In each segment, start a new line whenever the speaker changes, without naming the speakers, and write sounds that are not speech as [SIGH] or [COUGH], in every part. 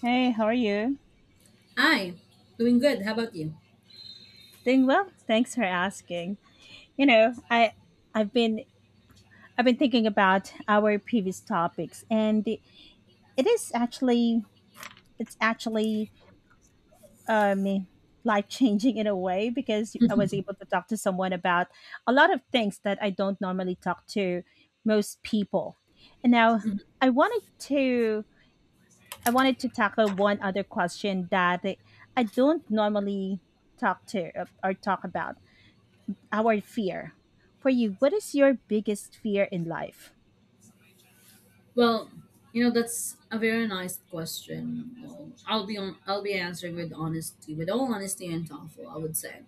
Hey, how are you?
Hi, doing good. How about you?
Doing well. Thanks for asking. You know, I've been I've been thinking about our previous topics, and is actually it's actually um life changing in a way because I was able to talk to someone about a lot of things that I don't normally talk to most people. And now I wanted to I wanted to tackle one other question that I don't normally talk to or talk about our fear. For you, what is your biggest fear in life?
Well, you know that's a very nice question. Well, I'll be on. I'll be answering with honesty, with all honesty and thoughtful. I would say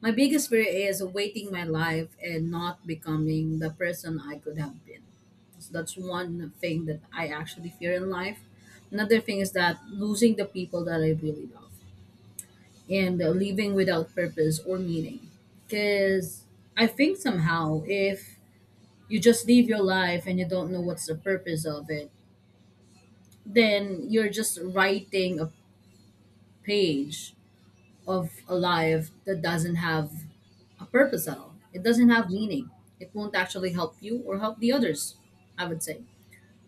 my biggest fear is waiting my life and not becoming the person I could have been. So that's one thing that I actually fear in life. Another thing is that losing the people that I really love and living without purpose or meaning. Because I think somehow if you just live your life and you don't know what's the purpose of it, then you're just writing a page of a life that doesn't have a purpose at all. It doesn't have meaning. It won't actually help you or help the others, I would say.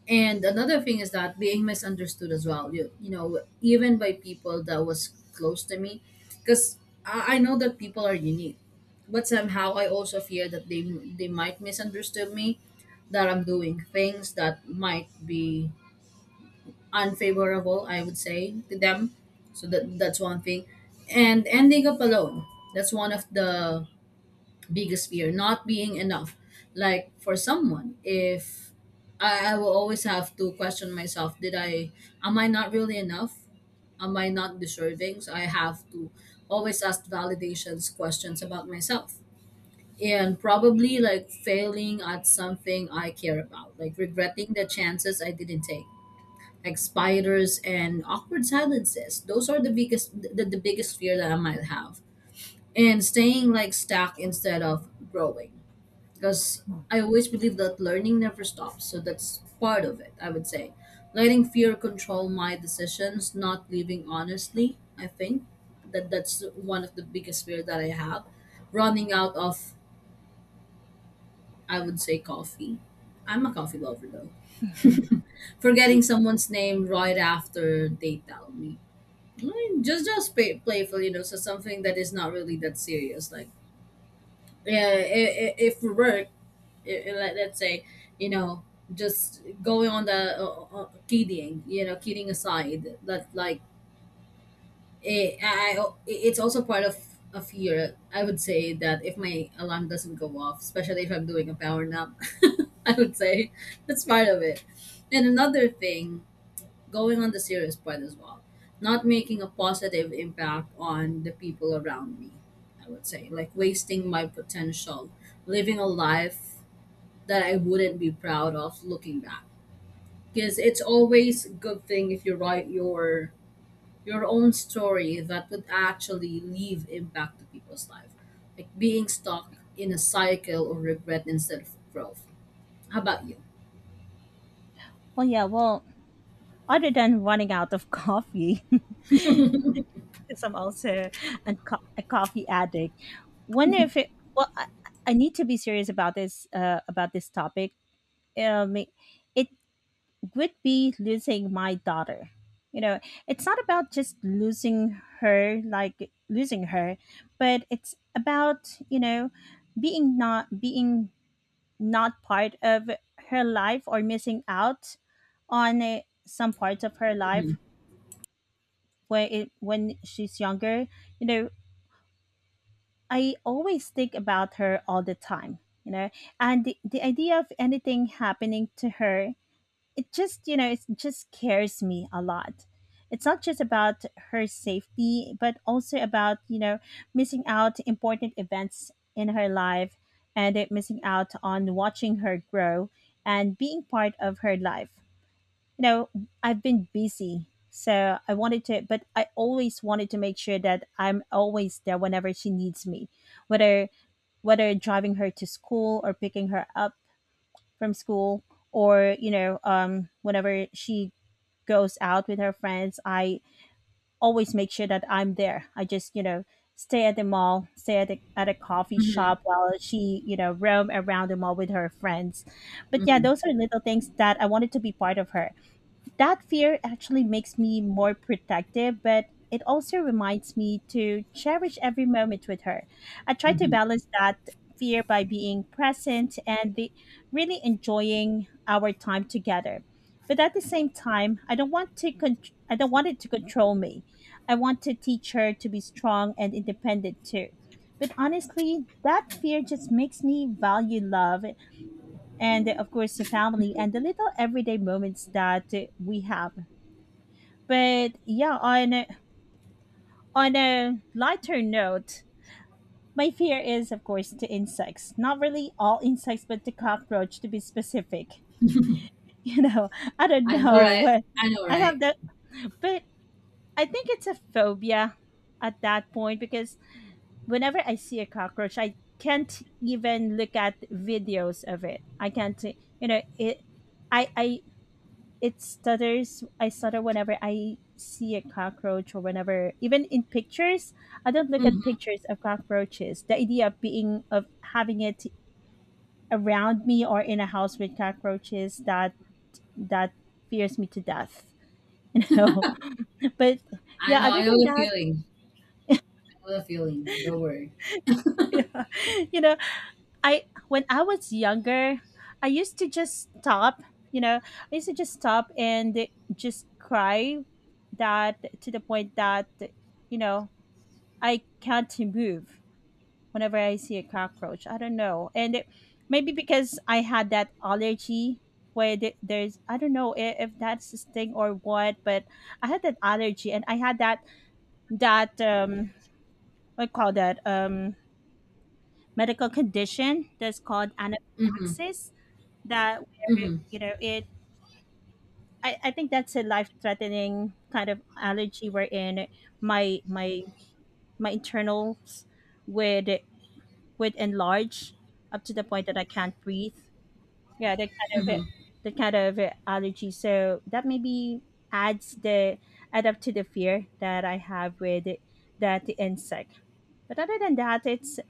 And another thing is that being misunderstood as well. You know even by people that was close to me, because I know that people are unique, but somehow I also fear that they might misunderstand me, that I'm doing things that might be unfavorable. I would say to them, so that's one thing, and ending up alone. That's one of the biggest fear not being enough like for someone if I will always have to question myself did I am I not really enough am I not deserving so I have to always ask validations questions about myself and probably like failing at something I care about like regretting the chances I didn't take like spiders and awkward silences those are the biggest fear that I might have and staying like stuck instead of growing because
[LAUGHS]
I always believe that learning never stops. So that's part of it, I would say. Letting fear control my decisions, not living honestly, I think that that's one of the biggest fear that I have. Running out of, I would say, coffee. I'm a coffee lover though.
Mm.
[LAUGHS] Forgetting someone's name right after they tell me. Just playful, you know, so something that is not really that serious. Like, yeah, if for work, let's say you know just going on the kidding you know kidding aside that like I it's also part of a fear I would say that if my alarm doesn't go off especially if I'm doing a power nap [LAUGHS] I would say that's part of it and another thing going on the serious part as well not making a positive impact on the people around me I would say like wasting my potential living a life that I wouldn't be proud of looking back. Because it's always a good thing if you write your own story that would actually leave impact to people's life. Like being stuck in a cycle of regret instead of growth. How about you?
Well, yeah, well, other than running out of coffee, [LAUGHS] because I'm also a coffee addict. Wonder if it. Well, I need to be serious about this. About this topic. Um, it would be losing my daughter. You know, it's not about just losing her, like losing her, but it's about, you know, being not part of her life, or missing out on some parts of her life when she's younger. You know, I always think about her all the time, you know, and the idea of anything happening to her. It just scares me a lot. It's not just about her safety, but also about, missing out important events in her life. And it missing out on watching her grow and being part of her life. You know, I've been busy, so I always wanted to make sure that I'm always there whenever she needs me, whether whether driving her to school or picking her up from school, or whenever she goes out with her friends. I always make sure that I'm there. I just, stay at the mall, stay at a coffee shop while she, roam around the mall with her friends. But yeah,
Hmm.
those are little things that I wanted to be part of her. That fear actually makes me more protective, but it also reminds me to cherish every moment with her. I try to
Hmm.
balance that fear by being present and really enjoying our time together. But at the same time, I don't want it to control me. I want to teach her to be strong and independent too. But honestly, that fear just makes me value love and, of course, the family and the little everyday moments that we have. But yeah, on a lighter note, my fear is, of course, the insects. Not really all insects, but the cockroach to be specific. [LAUGHS] You know, I don't
I know,
know
right?
what
I know,
I have
right?
that, but I think it's a phobia at that point, because whenever I see a cockroach, I can't even look at videos of it. I can't, you know, it. I I I stutter whenever I see a cockroach, or whenever, even in pictures, I don't look at
Hmm.
pictures of cockroaches. The idea of being of having it around me, or in a house with cockroaches, that fears me to death. [LAUGHS] No. But
I
yeah,
know.
other
I know
than
the
that,
feeling. I know the feeling. Don't worry.
[LAUGHS] yeah, you know, I when I was younger, i used to just stop I used to just stop and just cry, that to the point that, you know I can't move whenever I see a cockroach. I don't know, and it, maybe because I had that allergy where there's I don't know if that's this thing or what. But I had that allergy, and I had that um that medical condition that's called
Hmm.
anaphylaxis. That where
Hmm.
you know it. I think that's a life threatening kind of allergy, wherein my my my internals would would enlarge up to the point that I can't breathe. Yeah, that kind
Hmm.
of the kind of allergy. So that maybe adds the add up to the fear that I have with that insect. But other than that, it's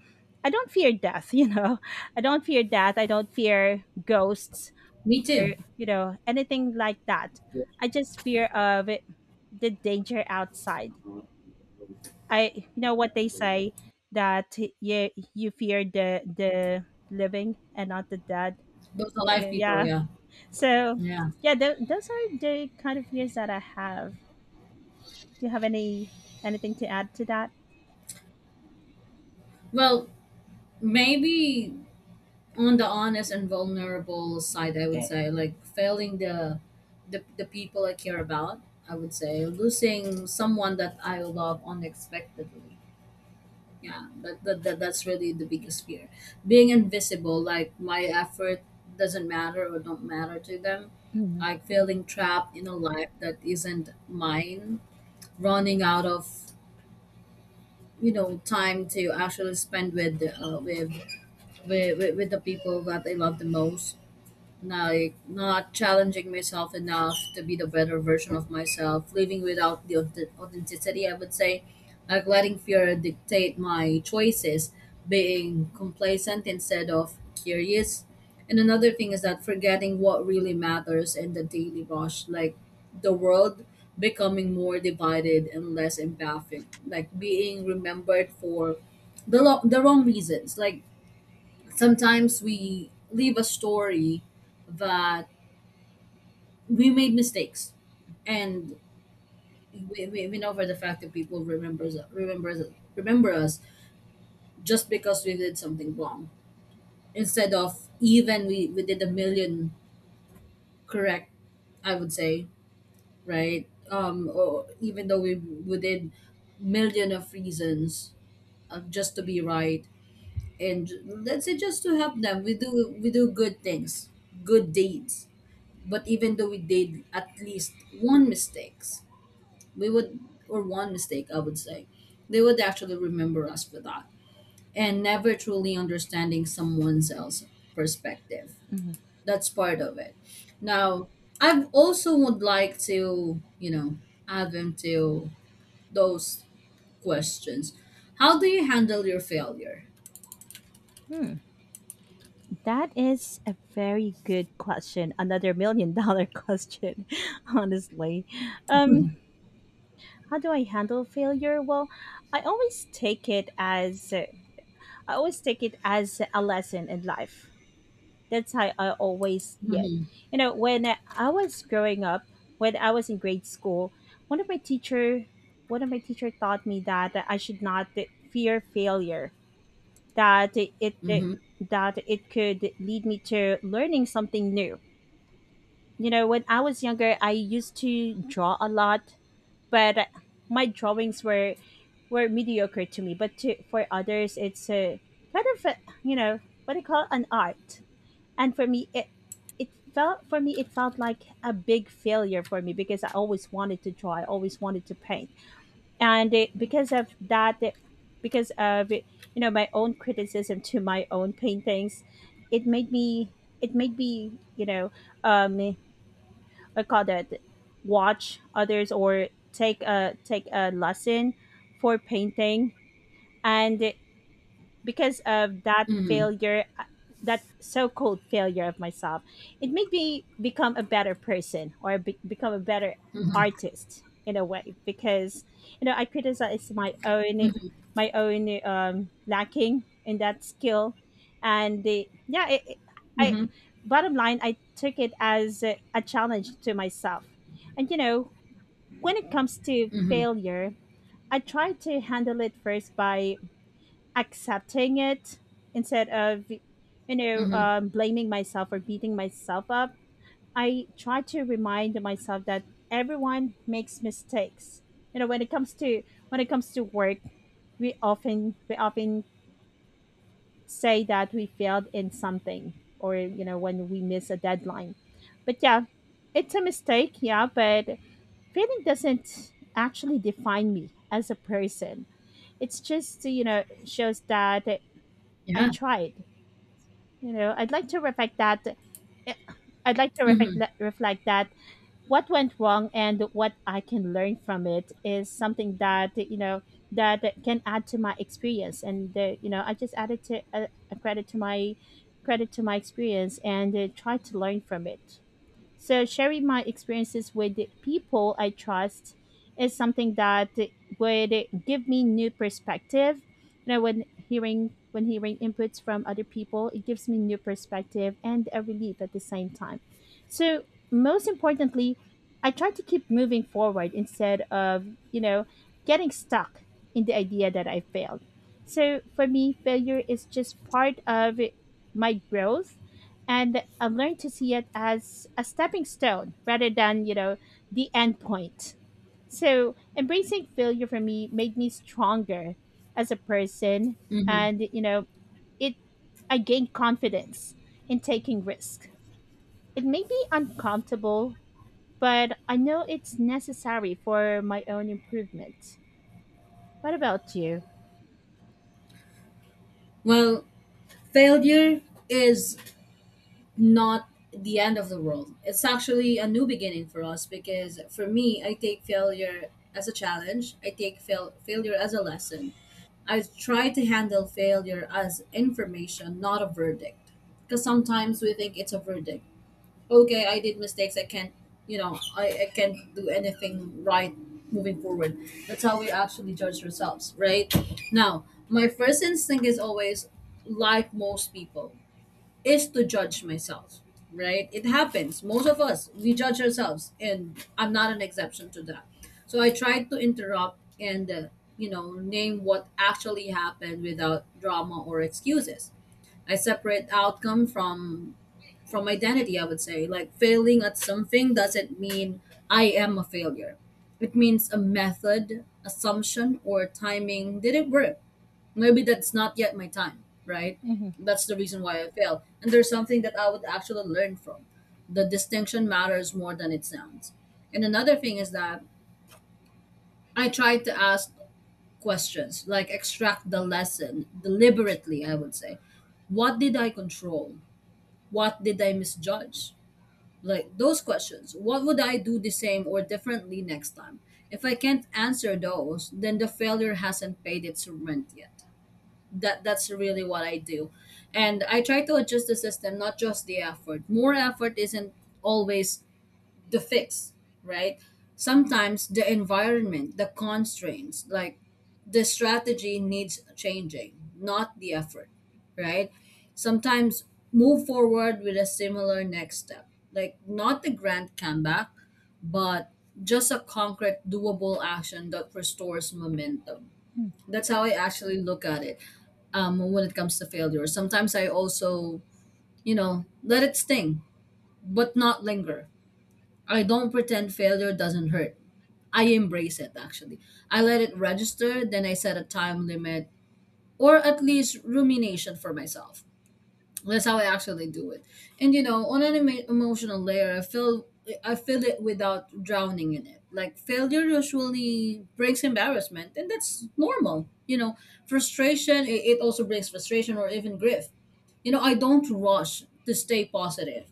I don't fear death. [LAUGHS] You know, I don't fear death. I don't fear ghosts,
Me
or,
too.
you know, anything like that. I just fear of it, the danger outside. I you know what they say, that you fear the living and not the dead.
Those
Got
alive
it?
people.
Yeah.
Yeah.
So,
Yeah.
yeah, those are the kind of fears that I have. Do you have anything to add to that?
Well, maybe on the honest and vulnerable side, I would Yeah. say, like failing the people I care about, I would say losing someone that I love unexpectedly. Yeah, that that's really the biggest fear. Being invisible, like my effort doesn't matter or don't matter to them.
Mhm,
Like feeling trapped in a life that isn't mine, running out of you know time to actually spend with with the people that I love the most like not challenging myself enough to be the better version of myself, living without the authenticity, I would say, like letting fear dictate my choices, being complacent instead of curious. And another thing is that forgetting what really matters in the daily rush, like the world becoming more divided and less empathic, like being remembered for the wrong reasons, like sometimes we leave a story that we made mistakes and we know for the fact that people remember us just because we did something wrong instead of even we did a million correct I would say right or even though we did million of reasons just to be right and let's say just to help them we do good things good deeds but even though we did at least one mistakes we would or one mistake I would say they would actually remember us for that and never truly understanding someone else's perspective
mhm.
that's part of it now I also would like to you know add them to those questions how do you handle your failure? [LAUGHS]
Hmm. That is a very good question. Another million dollar [LAUGHS] question, honestly. Um,
Hmm.
how do I handle failure? Well, I always take it as a lesson in life. That's how I always see it.
Hmm.
You know, when I was growing up, when I was in grade school, one of my teacher, one of my teacher taught me that I should not fear failure. That it it
Hmm.
that it could lead me to learning something new. You know, when I was younger, I used to draw a lot, but my drawings were mediocre to me. But for others, it's a kind of a, you know, what do you call it, an art. And for me, it felt like a big failure for me, because I always wanted to draw. I always wanted to paint. And it, because of that, it, because of it, you know, my own criticism to my own paintings, it made me it made me you know um, I call that, watch others, or take a lesson for painting. And because of that
Hmm.
failure uh, that so-called failure of myself, it made me become a better person, or become a better
Hmm.
artist in a way, because, you know, I criticize my own, my own lacking in that skill. And the, yeah, it- I
Hmm.
bottom line, I took it as a challenge to myself. And, you know, when it comes to
Hmm.
failure, I try to handle it first by accepting it, instead of,
Hmm.
blaming myself or beating myself up. I try to remind myself that everyone makes mistakes. You know, when it comes to work, we often say that we failed in something, or, you know, when we miss a deadline. But yeah, it's a mistake, yeah, but failing doesn't actually define me as a person. It's just, you know, shows that I
Yeah.
tried. I'd like to reflect that, eh, I'd like to reflect
Hmm.
le- reflect that what went wrong and what I can learn from it is something that, you know, that can add to my experience. And you know, I just added to a credit to my experience and try to learn from it. So sharing my experiences with the people I trust is something that would give me new perspective. You know, when hearing inputs from other people, it gives me new perspective and a relief at the same time. So most importantly, I try to keep moving forward instead of, you know, getting stuck in the idea that I failed. So for me, failure is just part of my growth, and I've learned to see it as a stepping stone rather than, you know, the end point. So embracing failure for me made me stronger as a person.
Hmm.
And, you know, it, I gained confidence in taking risk. It may be uncomfortable, but I know it's necessary for my own improvement. What about you?
Well, failure is not the end of the world. It's actually a new beginning for us because for me, I take failure as a challenge. I take failure as a lesson. I try to handle failure as information, not a verdict. Because sometimes we think it's a verdict. Okay, I did mistakes. I can't, you know, I can't do anything right moving forward. That's how we actually judge ourselves, right? Now, my first instinct is always like most people is to judge myself, right? It happens. Most of us, we judge ourselves, and I'm not an exception to that. So I tried to interrupt and, you know, name what actually happened without drama or excuses. I separate outcome from identity, I would say. Like failing at something doesn't mean I am a failure. It means a method, assumption, or timing didn't work maybe that's not yet my time, right?
Hmm.
That's the reason why I fail. And there's something that I would actually learn from. The distinction matters more than it sounds. And another thing is that I tried to ask questions, like extract the lesson deliberately, I would say. What did I control? What did I misjudge? Like those questions. What would I do the same or differently next time? If I can't answer those, then the failure hasn't paid its rent yet. That's really what I do. And I try to adjust the system, not just the effort. More effort isn't always the fix, right? Sometimes the environment, the constraints, like the strategy needs changing, not the effort, right? Sometimes move forward with a similar next step, like not the grand comeback, but just a concrete, doable action that restores momentum. That's how I actually look at it when it comes to failure. Sometimes I also, you know, let it sting, but not linger. I don't pretend failure doesn't hurt. I embrace it actually. I let it register, then I set a time limit or at least rumination for myself that's how I actually do it. And you know, on an emotional layer, I feel it without drowning in it. Like failure usually brings embarrassment, and that's normal. You know, frustration it also brings frustration or even grief. You know, I don't rush to stay positive.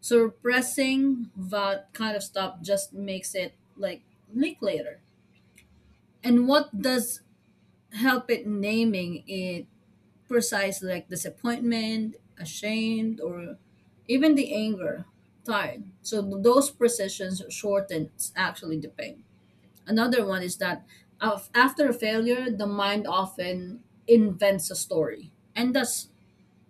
Suppressing that kind of stuff just makes it like leak later. And what does help it naming it precise like disappointment, ashamed, or even the anger, tired. So those precisions shortens actually the pain. Another one is that after a failure, the mind often invents a story, and that's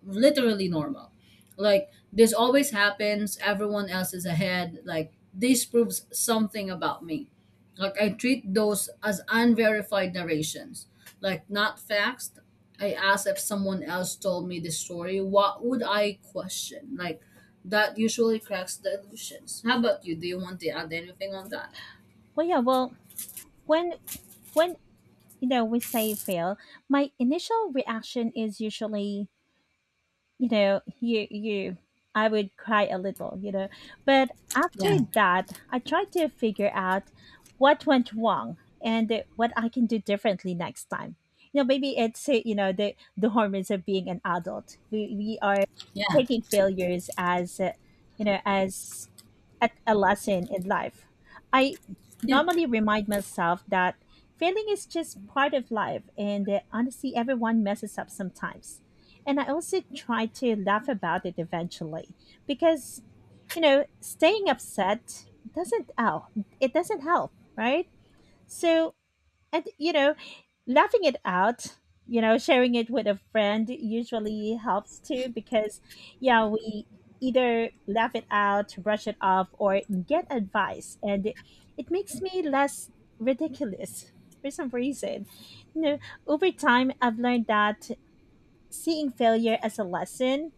literally normal. Like this always happens, everyone else is ahead. Like this proves something about me. Like I treat those as unverified narrations, like not facts. I ask if someone else told me this story, what would I question? Like that usually cracks the illusions. How about you? Do you want to add anything on that?
Well, yeah. Well, when when you know we say fail, my initial reaction is usually, you know you you I would cry, a little you know. But
Yeah,
after that, I tried to figure out what went wrong and what I can do differently next time. You know, maybe it's, the hormones of being an adult. We are
yeah,
taking failures as, you know as at a lesson in life. I
yep,
normally remind myself that failing is just part of life, and that honestly, everyone messes up sometimes. And I also try to laugh about it eventually because, you know, staying upset doesn't help. It doesn't help, right? So, and, you know, laughing it out, you know, sharing it with a friend usually helps too, because yeah, we either laugh it out, brush it off, or get advice. And it makes me less ridiculous for some reason. You know, over time, I've learned that seeing failure as a lesson,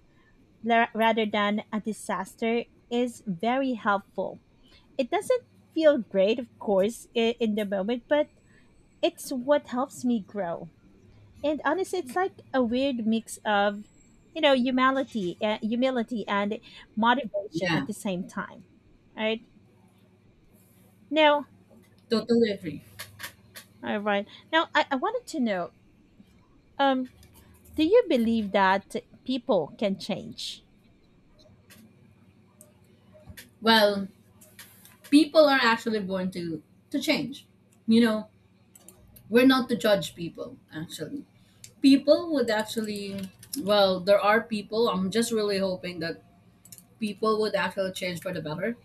rather than a disaster, is very helpful. It doesn't feel great, of course, in the moment, but it's what helps me grow. And honestly, it's like a weird mix of, you know, humility, humility and motivation at
yeah,
the same time. All right now,
totally agree.
I wanted to know, um, do you believe that people can change?
Well, people are actually born to change. You know, we're not to judge people actually people would actually well there are people I'm just really hoping that people would actually change for the better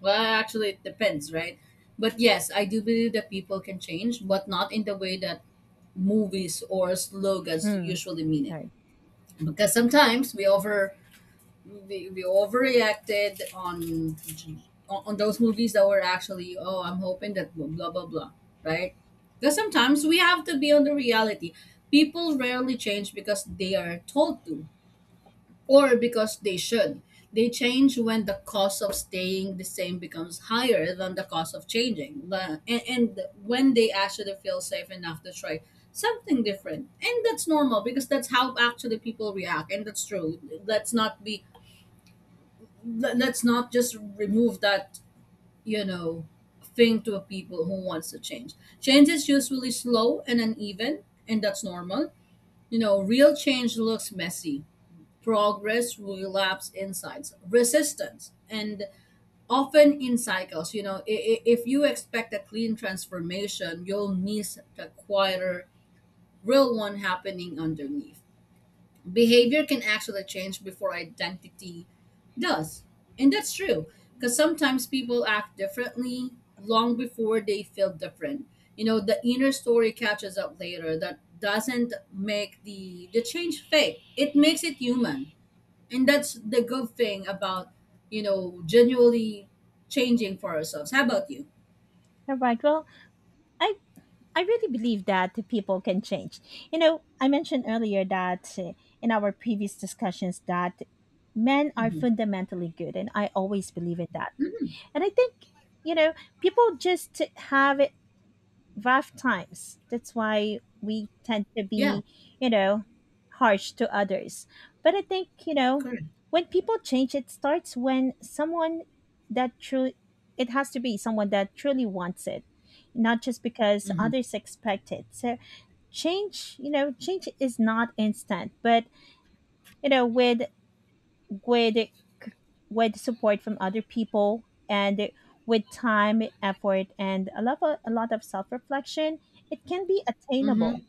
well actually it depends right but yes I do believe that people can change but not in the way that movies or slogans
Mm,
usually mean
all
it
right.
because sometimes we overreacted on those movies that were actually oh I'm hoping that blah blah blah right because sometimes we have to be on the reality people rarely change because they are told to or because they should they change when the cost of staying the same becomes higher than the cost of changing and when they actually feel safe enough to try something different and that's normal because that's how actually people react and that's true let's not be let's not just remove that you know thing to people who wants to change change is usually slow and uneven and that's normal you know real change looks messy progress relapse insights resistance and often in cycles you know if you expect a clean transformation you'll miss the quieter real one happening underneath behavior can actually change before identity does. And that's true because sometimes people act differently long before they feel different. You know, the inner story catches up later that doesn't make the change fake. It makes it human. And that's the good thing about, genuinely changing for ourselves. How about you?
All right. Well, I I really believe that the people can change. You know, I mentioned earlier that in our previous discussions that men are
Hmm.
fundamentally good, and I always believe in that.
Hmm.
And I think, you know, people just have rough times. That's why we tend to
Yeah,
be, you know, harsh to others. But I think, you know,
correct.
when people change, it starts when that truly, it has to be someone that truly wants it, not just because
Hmm.
others expect it. So change, you know, change is not instant, but, you know, with with support from other people and with time, effort, and a lot of self reflection, it can be
Hmm.
attainable.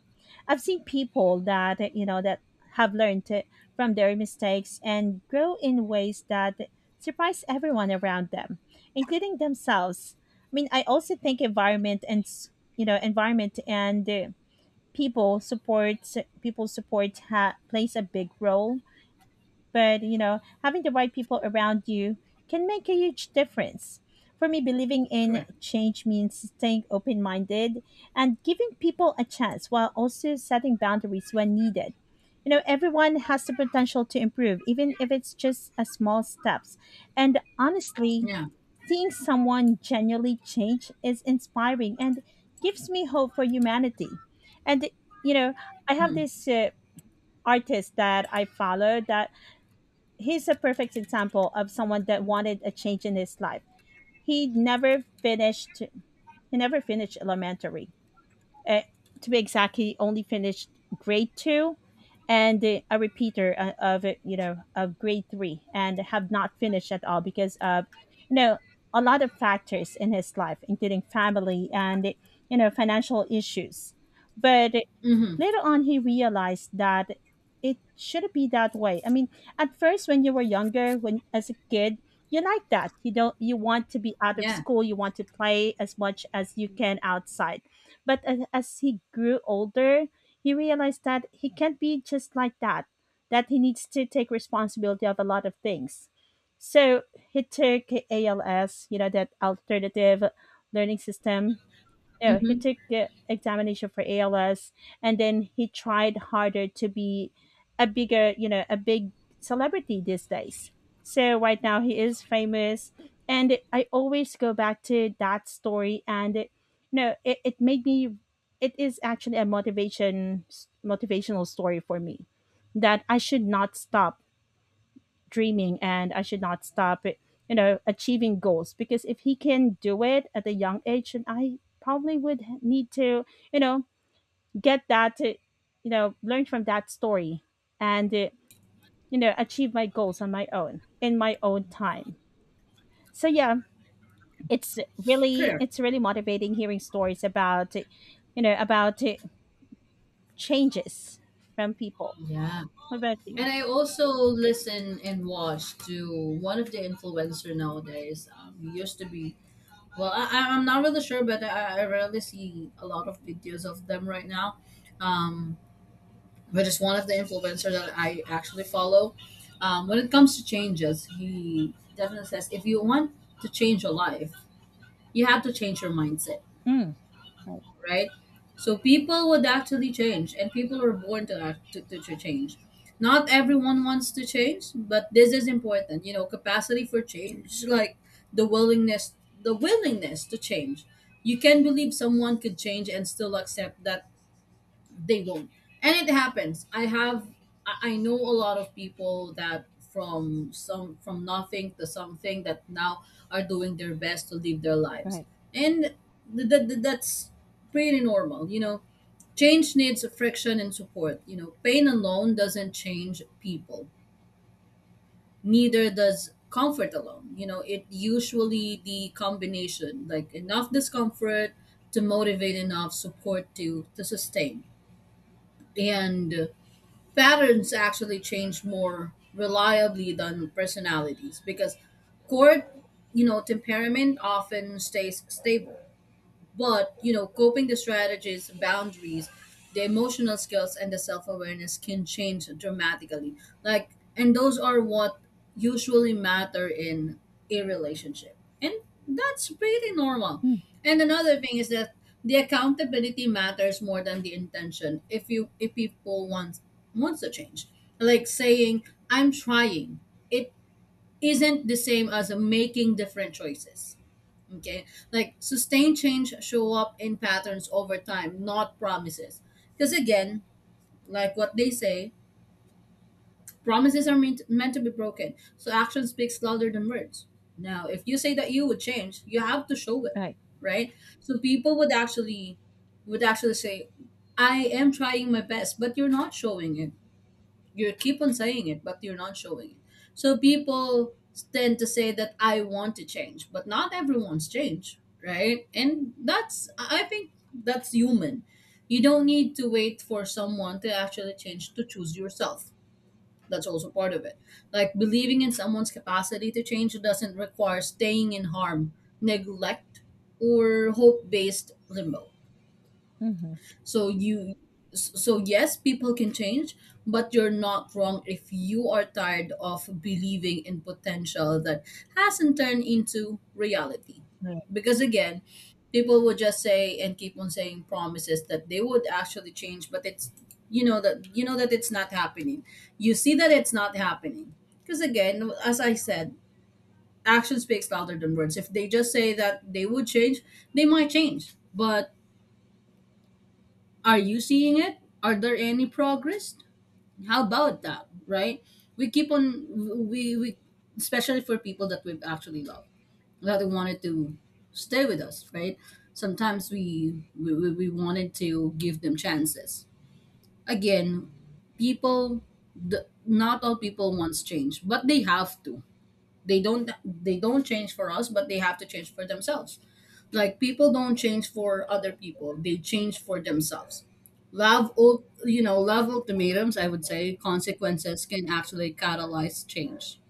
I've seen people that you know that have learned from their mistakes and grow in ways that surprise everyone around them, including themselves. I mean, I also think you know environment and people support people support plays a big role, but you know having the right people around you can make a huge difference. For me, believing in
Correct.
change means staying open-minded and giving people a chance, while also setting boundaries when needed. You know, everyone has the potential to improve, even if it's just a small steps. And honestly,
Yeah.
seeing someone genuinely change is inspiring and gives me hope for humanity. And you know, I have
Hmm.
this artist that I follow, that he's a perfect example of someone that wanted a change in his life. He never finished elementary, uh, to be exact, he only finished grade two and a repeater of it, you know, of grade three, and have not finished at all because of, you know, a lot of factors in his life, including family and, you know, financial issues. But
Hmm.
later on, he realized that it shouldn't be that way. I mean, at first, when you were younger, when as a kid, you like that. You don't, you want to be out of
Yeah.
school, you want to play as much as you can outside. But as he grew older, he realized that he can't be just like that, that he needs to take responsibility of a lot of things. So he took ALS, you know, that alternative learning system. Yeah, he
Hmm.
took the examination for ALS, and then he tried harder to be a bigger, you know, a big celebrity these days. So right now he is famous, and I always go back to that story, and it made me. It is actually a motivational story for me, that I should not stop dreaming, and I should not stop you know, achieving goals. Because if he can do it at a young age, then I probably would need to, you know, get that, to, you know, learn from that story and, you know, achieve my goals on my own in my own time. So yeah, it's
Correct.
really motivating hearing stories about, you know, about changes from people.
Yeah.
What about you?
And I also listen and watch to one of the influencer nowadays. He used to be well, I'm not really sure, but I rarely see a lot of videos of them right now. Um, but it's one of the influencer that I actually follow. When it comes to changes, he definitely says if you want to change your life, you have to change your mindset,
Mm, right,
right? So people would actually change, and people were born to act to change. Not everyone wants to change, but this is important. You know, capacity for change, [LAUGHS] like the willingness, the willingness to change. You can believe someone could change and still accept that they won't, and it happens. I have I know a lot of people that from some from nothing to something that now are doing their best to live their lives,
right,
and that's pretty normal. You know, change needs friction and support. You know, pain alone doesn't change people, neither does comfort alone. You know, it usually the combination like enough discomfort to motivate, enough support to sustain. And patterns actually change more reliably than personalities because core, you know, temperament often stays stable, but, you know, coping the strategies, boundaries, the emotional skills, and the self awareness can change dramatically. Like, and those are what usually matter in a relationship. And that's pretty normal.
mm,
And another thing is that the accountability matters more than the intention. If people wants to change, like saying I'm trying, it isn't the same as making different choices. Okay, like sustained change show up in patterns over time, not promises. Because again, like what they say, promises are meant to be broken. So action speaks louder than words. Now, if you say that you would change, you have to show it,
right,
right? So people would actually say, "I am trying my best, but you're not showing it." You keep on saying it but you're not showing it. So people tend to say that I want to change but not everyone's change, right? And that's I think that's human. You don't need to wait for someone to actually change to choose yourself. That's also part of it, like believing in someone's capacity to change doesn't require staying in harm, neglect, or hope based limbo. so you so yes, people can change, but you're not wrong if you are tired of believing in potential that hasn't turned into reality. Because again, people would just say and keep on saying promises that they would actually change, but it's, you know that, you know that it's not happening. You see that it's not happening. Because again, as I said, action speaks louder than words. If they just say that they would change, they might change. But are you seeing it? Are there any progress? How about that, right? We keep on, we especially for people that we've actually loved, that we wanted to stay with us, right? Sometimes we wanted to give them chances again. People, the, not all people wants change, but they have to. They don't change for us, but they have to change for themselves. Like people don't change for other people, they change for themselves. You know, love ultimatums, I would say, consequences can actually catalyze change.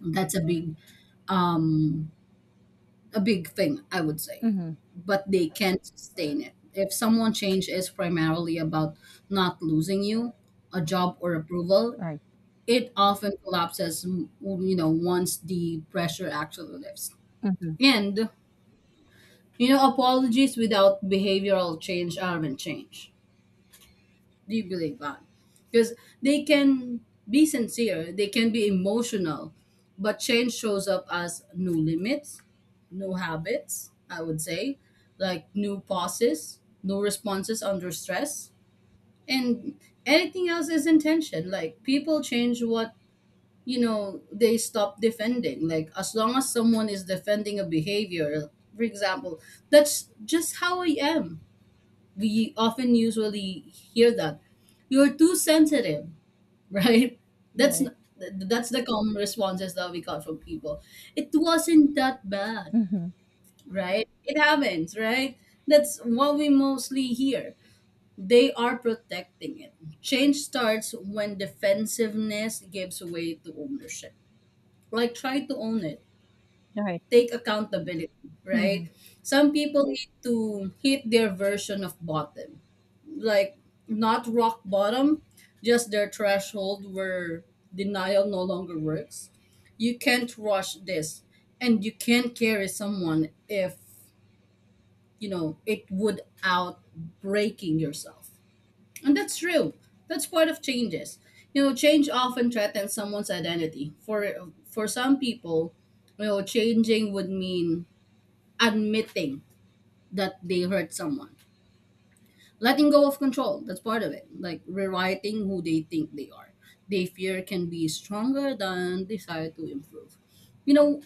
That's a big, um a big thing I would say.
mm-hmm,
But they can't sustain it if someone change is primarily about not losing you, a job or approval.
right,
It often collapses, you know, once the pressure actually lifts.
mm-hmm,
And you know, apologies without behavioral change aren't change. Do you believe that? Because they can be sincere, they can be emotional, but change shows up as new limits, new habits, I would say, like new pauses, new responses under stress, and anything else is intention. Like people change what, you know, they stop defending. Like as long as someone is defending a behavior, for example, that's just how I am. We often usually hear that, "You're too sensitive." [LAUGHS] Right?
right.
That's the common responses that we got from people. "It wasn't that bad."
Mm-hmm.
Right? It happens, right? That's what we mostly hear. They are protecting it. Change starts when defensiveness gives way to ownership. Like try to own it,
Right.
take accountability,
Hmm.
right? Some people need to hit their version of bottom, like not rock bottom, just their threshold where denial no longer works. You can't rush this, and you can't carry someone if, you know, it would out breaking yourself. And that's true. That's part of changes. You know, change often threatens someone's identity. For some people, you know, changing would mean admitting that they hurt someone, letting go of control. That's part of it, like rewriting who they think they are. They fear can be stronger than desire to improve. You know,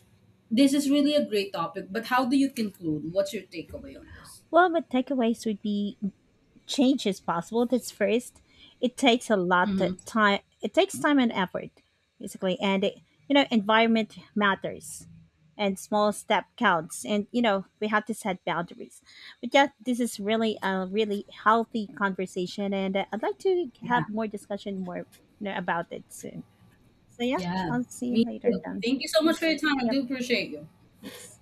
this is really a great topic, but how do you conclude? What's your takeaway on this?
Well, my takeaways would be change is possible. That's first. It takes a lot of
Mm-hmm.
time. It takes time and effort, basically, and it, you know, environment matters, and small step counts. And you know, we have to set boundaries. But yeah, this is really a really healthy conversation, and I'd like to
Yeah.
have more discussion more, you know, about it soon. So yeah,
Yeah,
I'll see you
me
later
too.
then.
Thank you so much for your time. I
Yep.
do appreciate you.
Thanks.